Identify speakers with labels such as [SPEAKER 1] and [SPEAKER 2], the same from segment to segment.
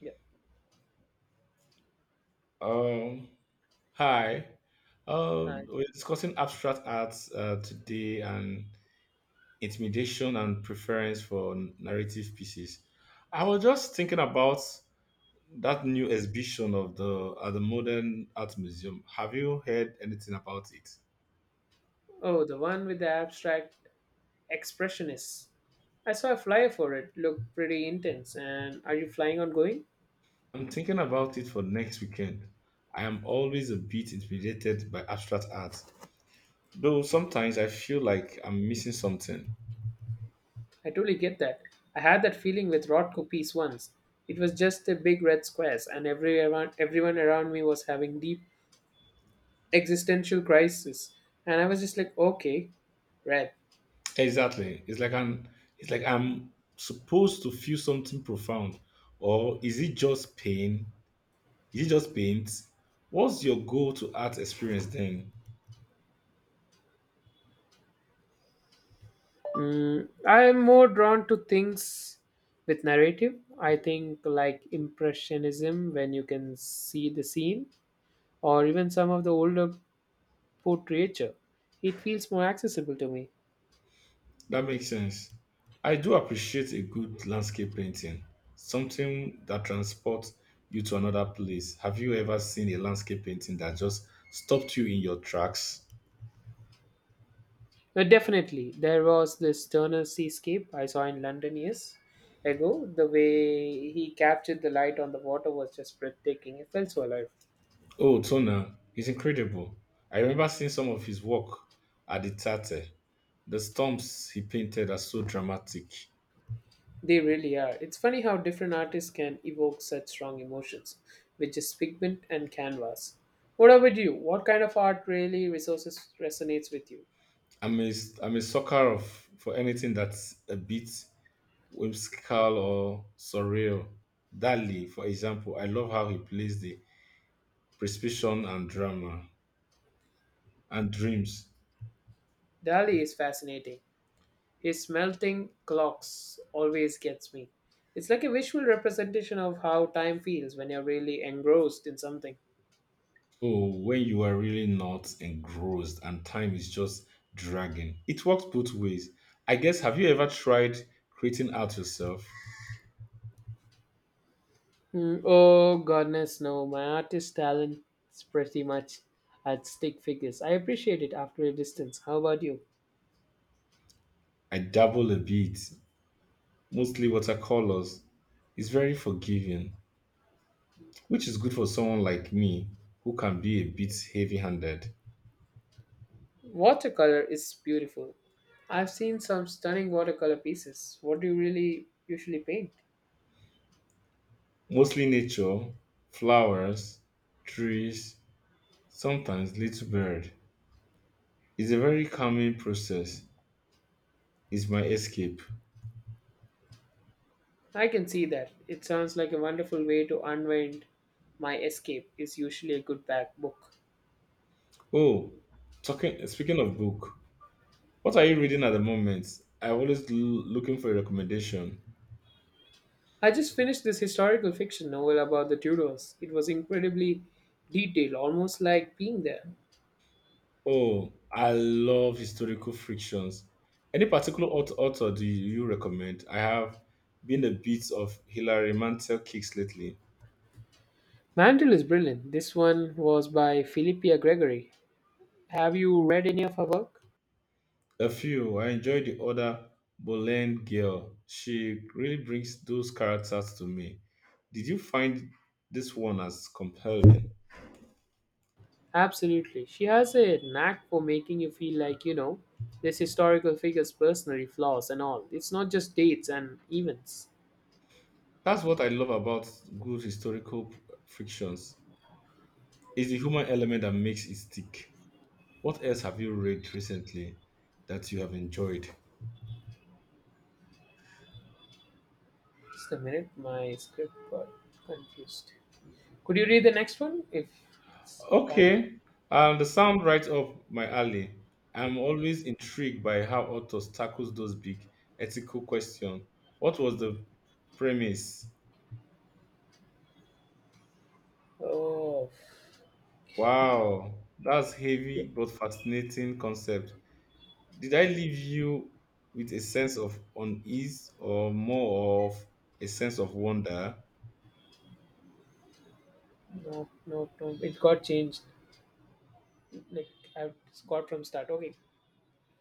[SPEAKER 1] Yeah.
[SPEAKER 2] Um, Hi.
[SPEAKER 1] Hi.
[SPEAKER 2] We're discussing abstract arts today and intimidation and preference for narrative pieces. I was just thinking about that new exhibition of the Modern Art Museum. Have you heard anything about it?
[SPEAKER 1] Oh, the one with the abstract expressionists. I saw a flyer for it. Looked pretty intense. And are you flying on going?
[SPEAKER 2] I'm thinking about it for next weekend. I am always a bit intimidated by abstract art, though sometimes I feel like I'm missing something.
[SPEAKER 1] I totally get that. I had that feeling with Rothko piece once. It was just the big red squares, and everyone around me was having deep existential crisis. And I was just like, okay, red.
[SPEAKER 2] Exactly. It's like an. It's like I'm supposed to feel something profound. Or is it just pain? Is it just paint? What's your goal to art experience then?
[SPEAKER 1] I'm more drawn to things with narrative. I think like impressionism when you can see the scene or even some of the older portraiture, it feels more accessible to me.
[SPEAKER 2] That makes sense. I do appreciate a good landscape painting, something that transports you to another place. Have you ever seen a landscape painting that just stopped you in your tracks?
[SPEAKER 1] But definitely, there was this Turner seascape I saw in London years ago. The way he captured the light on the water was just breathtaking. It felt so alive.
[SPEAKER 2] Oh, Tona, he's incredible. I remember seeing some of his work at the Tate. The storms he painted are so dramatic.
[SPEAKER 1] They really are. It's funny how different artists can evoke such strong emotions, which is pigment and canvas. What about you? What kind of art really resources resonates with you?
[SPEAKER 2] I'm a, I'm a sucker of for anything that's a bit whimsical or surreal. Dali, for example, I love how he plays the precipitation and drama and dreams.
[SPEAKER 1] Dali is fascinating. His melting clocks always gets me. It's like a visual representation of how time feels when you're really engrossed in something.
[SPEAKER 2] Oh, when you are really not engrossed and time is just dragging. It works both ways. I guess, have you ever tried creating art yourself?
[SPEAKER 1] Oh goodness, no! My artist talent is pretty much at stick figures. I appreciate it after a distance. How about you?
[SPEAKER 2] I dabble a bit, mostly watercolors. It's very forgiving, which is good for someone like me who can be a bit heavy handed.
[SPEAKER 1] Watercolor is beautiful. I've seen some stunning watercolor pieces. What do you really usually paint?
[SPEAKER 2] Mostly nature, flowers, trees, sometimes little bird. It's a very calming process. It's my escape.
[SPEAKER 1] I can see that. It sounds like a wonderful way to unwind. My escape is usually a good back book.
[SPEAKER 2] Oh, talking speaking of book, what are you reading at the moment? I'm always looking for a recommendation.
[SPEAKER 1] I just finished this historical fiction novel about the Tudors. It was incredibly detailed, almost like being there.
[SPEAKER 2] Oh, I love historical frictions. Any particular author do you recommend? I have been a bit of Hilary Mantel kicks lately.
[SPEAKER 1] Mantle is brilliant. This one was by Philippia Gregory. Have you read any of her work?
[SPEAKER 2] A few. I enjoy the other Boleyn girl. She really brings those characters to me. Did you find this one as compelling?
[SPEAKER 1] Absolutely. She has a knack for making you feel like, this historical figure's personally flaws and all. It's not just dates and events.
[SPEAKER 2] That's what I love about good historical frictions. It's the human element that makes it stick. What else have you read recently that you have enjoyed?
[SPEAKER 1] Just a minute, my script got confused. Could you read the next one if it's fine?
[SPEAKER 2] Okay, the sound right up my alley. I'm always intrigued by how authors tackles those big ethical questions. What was the premise?
[SPEAKER 1] Oh,
[SPEAKER 2] Wow, that's heavy but fascinating concept. Did I leave you with a sense of unease or more of a sense of wonder?
[SPEAKER 1] no, no, no. It got changed. Like I got from start. Okay.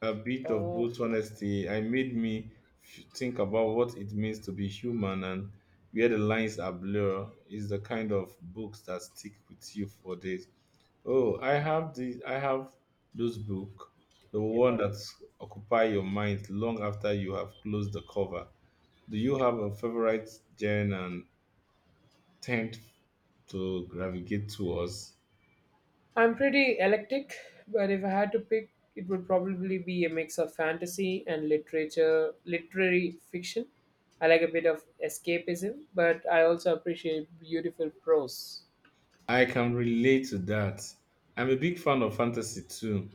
[SPEAKER 2] A bit of
[SPEAKER 1] Uh,
[SPEAKER 2] both honesty I made me think about what it means to be human and where the lines are blurred is the kind of books that stick with you for days. Oh, I have those book, the
[SPEAKER 1] yeah,
[SPEAKER 2] one
[SPEAKER 1] got it.
[SPEAKER 2] that occupy your mind long after you have closed the cover. Do you have a favorite genre and tend to gravitate towards?
[SPEAKER 1] I'm pretty eclectic, but if I had to pick, it would probably be a mix of fantasy and literature, literary fiction. I like a bit of escapism, but I also appreciate beautiful prose.
[SPEAKER 2] I can relate to that. I'm a big fan of fantasy too.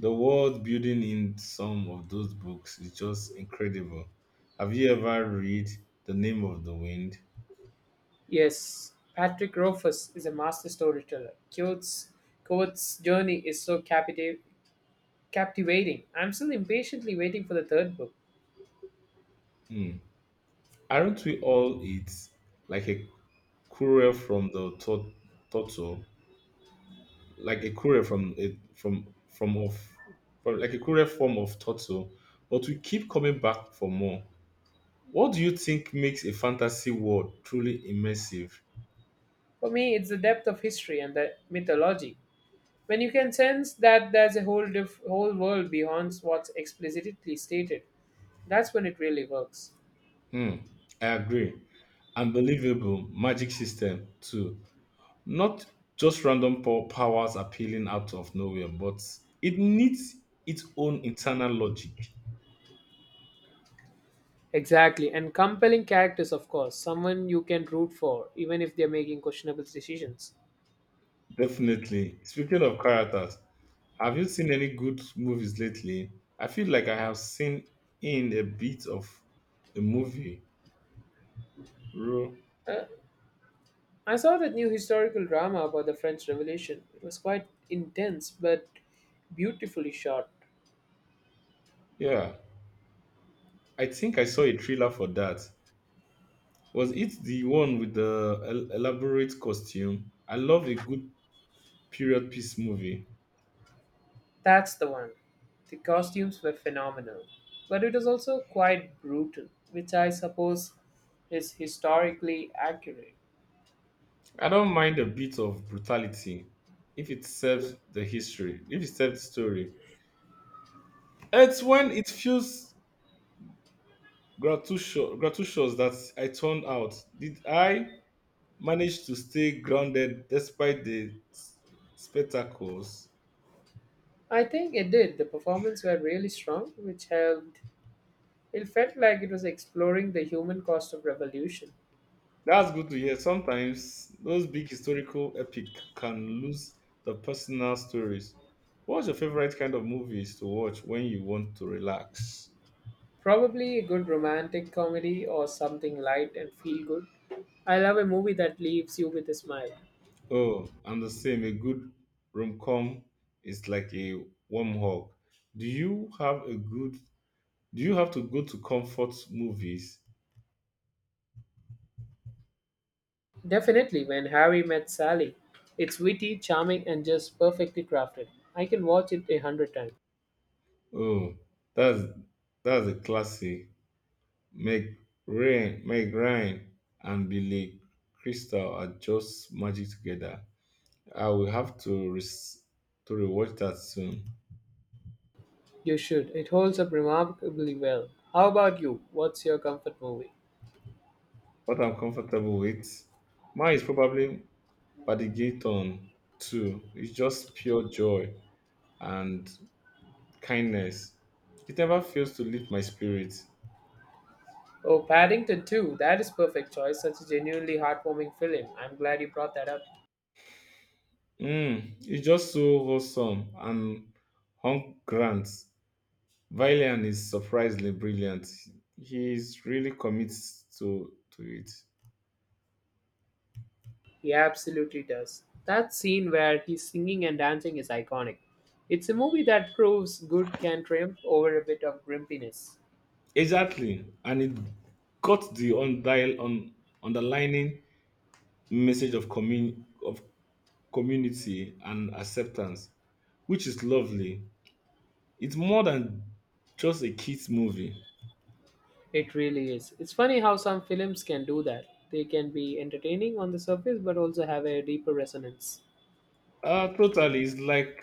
[SPEAKER 2] The world building in some of those books is just incredible. Have you ever read The Name of the Wind?
[SPEAKER 1] Yes, Patrick Rothfuss is a master storyteller. Coates' journey is so captivating. I'm still impatiently waiting for the third book.
[SPEAKER 2] Hmm. Aren't we all it like a courier from the turtle, like a courier from a from from of from like a courier form of turtle, but we keep coming back for more. What do you think makes a fantasy world truly immersive?
[SPEAKER 1] For me, it's the depth of history and the mythology. When you can sense that there's a whole world beyond what's explicitly stated, that's when it really works.
[SPEAKER 2] Hmm, I agree. Unbelievable magic system too. Not just random powers appealing out of nowhere, but it needs its own internal logic.
[SPEAKER 1] Exactly, and compelling characters, of course, someone you can root for, even if they're making questionable decisions.
[SPEAKER 2] Definitely. Speaking of characters, have you seen any good movies lately? I feel like I have seen in a bit of a movie. Ro-
[SPEAKER 1] Uh, I saw that new historical drama about the French Revolution. It was quite intense, but beautifully shot.
[SPEAKER 2] Yeah, I think I saw a trailer for that. Was it the one with the elaborate costume? I love a good period piece movie.
[SPEAKER 1] That's the one. The costumes were phenomenal, but it was also quite brutal, which I suppose is historically accurate.
[SPEAKER 2] I don't mind a bit of brutality if it serves the history, if it serves the story. It's when it feels gratuitous that I turned out. Did I manage to stay grounded despite the spectacles?
[SPEAKER 1] I think it did. The performance were really strong, which helped. It felt like it was exploring the human cost of revolution.
[SPEAKER 2] That's good to hear. Sometimes those big historical epic can lose the personal stories. What's your favorite kind of movies to watch when you want to relax?
[SPEAKER 1] Probably a good romantic comedy or something light and feel good. I love a movie that leaves you with a smile.
[SPEAKER 2] Oh, I'm the same. A good rom-com is like a warm hug. Do you have a good? Do you have to go to comfort movies?
[SPEAKER 1] Definitely, When Harry Met Sally. It's witty, charming, and just perfectly crafted. I can watch it 100 times.
[SPEAKER 2] Oh, that's a classic. Meg Meg Ryan, and Billy Crystal are just magic together. I will have to to rewatch that soon.
[SPEAKER 1] You should. It holds up remarkably well. How about you? What's your comfort movie?
[SPEAKER 2] What I'm comfortable with, mine is probably Paddington too. It's just pure joy and kindness. It never fails to lift my spirit.
[SPEAKER 1] Oh, Paddington 2. That is perfect choice. Such a genuinely heartwarming film. I'm glad you brought that up.
[SPEAKER 2] Mm, it's just so wholesome and Hunk Grant. Valiant is surprisingly brilliant. He is really commits to it.
[SPEAKER 1] He absolutely does. That scene where he's singing and dancing is iconic. It's a movie that proves good can triumph over a bit of grumpiness.
[SPEAKER 2] Exactly, and it got the undial on underlining message of community and acceptance, which is lovely. It's more than just a kids movie.
[SPEAKER 1] It really is. It's funny how some films can do that. They can be entertaining on the surface but also have a deeper resonance.
[SPEAKER 2] Totally, it's like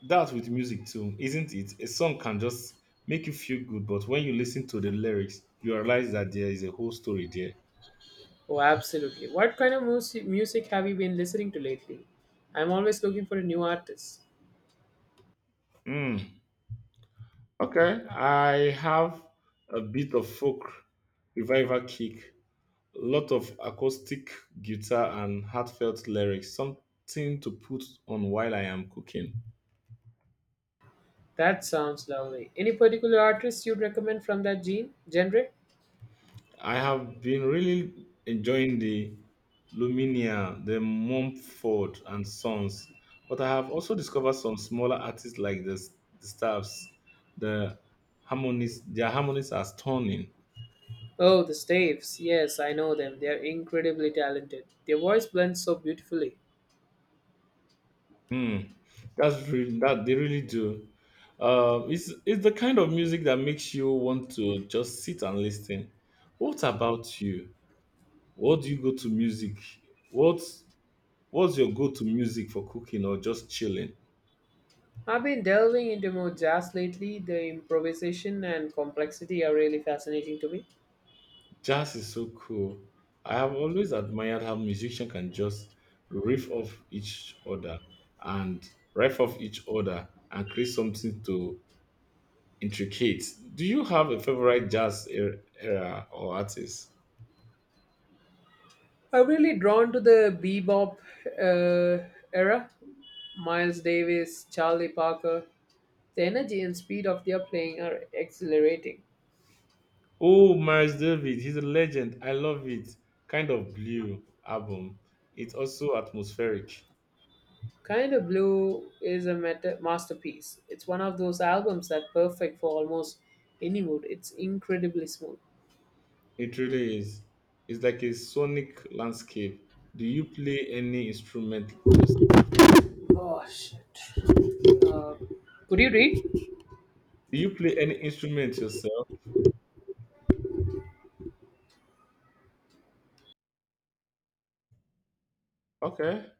[SPEAKER 2] that's with music too, isn't it? A song can just make you feel good, but when you listen to the lyrics, you realize that there is a whole story there.
[SPEAKER 1] Oh, absolutely. What kind of music have you been listening to lately? I'm always looking for a new artist.
[SPEAKER 2] Hmm. Okay, I have a bit of folk revival kick, a lot of acoustic guitar and heartfelt lyrics, something to put on while I am cooking.
[SPEAKER 1] That sounds lovely. Any particular artist you'd recommend from that gene genre?
[SPEAKER 2] I have been really enjoying the Luminia, the Mumford and Sons, but I have also discovered some smaller artists like the Staffs. The their harmonies are stunning.
[SPEAKER 1] Oh, the Staves. Yes, I know them. They are incredibly talented. Their voice blends so beautifully.
[SPEAKER 2] Hmm, that they really do. It's the kind of music that makes you want to just sit and listen. What about you? What do you go to music? What's what's your go to music for cooking or just chilling?
[SPEAKER 1] I've been delving into more jazz lately. The improvisation and complexity are really fascinating to me.
[SPEAKER 2] Jazz is so cool. I have always admired how musicians can just riff off each other and riff off each other and create something to intricate. Do you have a favorite jazz era or artist?
[SPEAKER 1] I'm really drawn to the bebop uh, era. Miles Davis, Charlie Parker. The energy and speed of their playing are exhilarating.
[SPEAKER 2] Oh, Miles David, he's a legend. I love it. Kind of blue album. It's also atmospheric.
[SPEAKER 1] Kind of Blue is a masterpiece. It's one of those albums that perfect for almost any mood. It's incredibly smooth.
[SPEAKER 2] It really is. It's like a sonic landscape. Do you play any instrument yourself?
[SPEAKER 1] Oh shit. Uh, could you read?
[SPEAKER 2] Do you play any instrument yourself? Okay.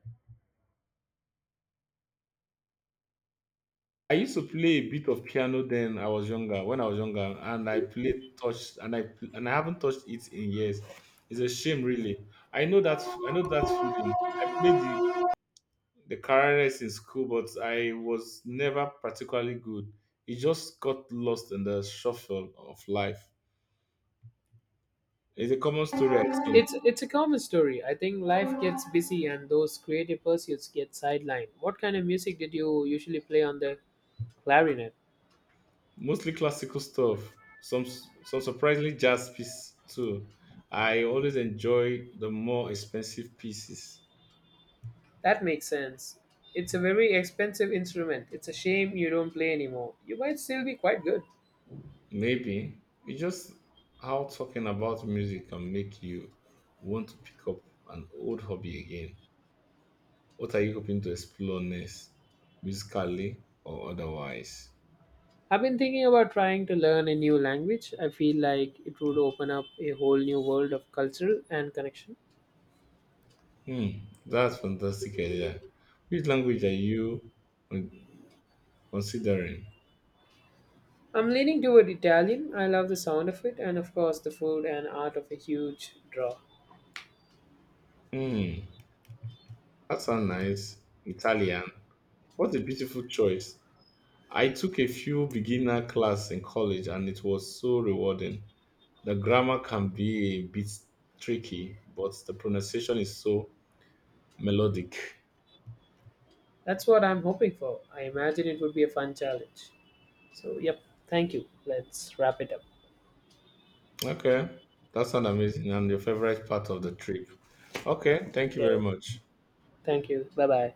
[SPEAKER 2] I used to play a bit of piano then I was younger, when I was younger, and I played touch and I pl- and I haven't touched it in years. It's a shame really. I know that I know that feeling. I played the clarinet in school, but I was never particularly good. It just got lost in the shuffle of life. It's a common story, I think.
[SPEAKER 1] It's a common story. I think life gets busy and those creative pursuits get sidelined. What kind of music did you usually play on the clarinet?
[SPEAKER 2] Mostly classical stuff, some surprisingly jazz pieces too. I always enjoy the more expensive pieces.
[SPEAKER 1] That makes sense. It's a very expensive instrument. It's a shame you don't play anymore. You might still be quite good.
[SPEAKER 2] Maybe it's just how talking about music can make you want to pick up an old hobby again. What are you hoping to explore next, musically or otherwise?
[SPEAKER 1] I've been thinking about trying to learn a new language. I feel like it would open up a whole new world of cultural and connection.
[SPEAKER 2] Hmm, that's fantastic idea. Which language are you con- considering?
[SPEAKER 1] I'm leaning toward Italian. I love the sound of it, and of course, the food and art of a huge draw.
[SPEAKER 2] Hmm, that sounds nice. Italian. What a beautiful choice. I took a few beginner class in college and it was so rewarding. The grammar can be a bit tricky, but the pronunciation is so melodic.
[SPEAKER 1] That's what I'm hoping for. I imagine it would be a fun challenge. So, yep, thank you. Let's wrap it up.
[SPEAKER 2] Okay, that sounds amazing and your favorite part of the trip. Okay, thank you
[SPEAKER 1] Yeah,
[SPEAKER 2] very much.
[SPEAKER 1] thank you. Bye bye.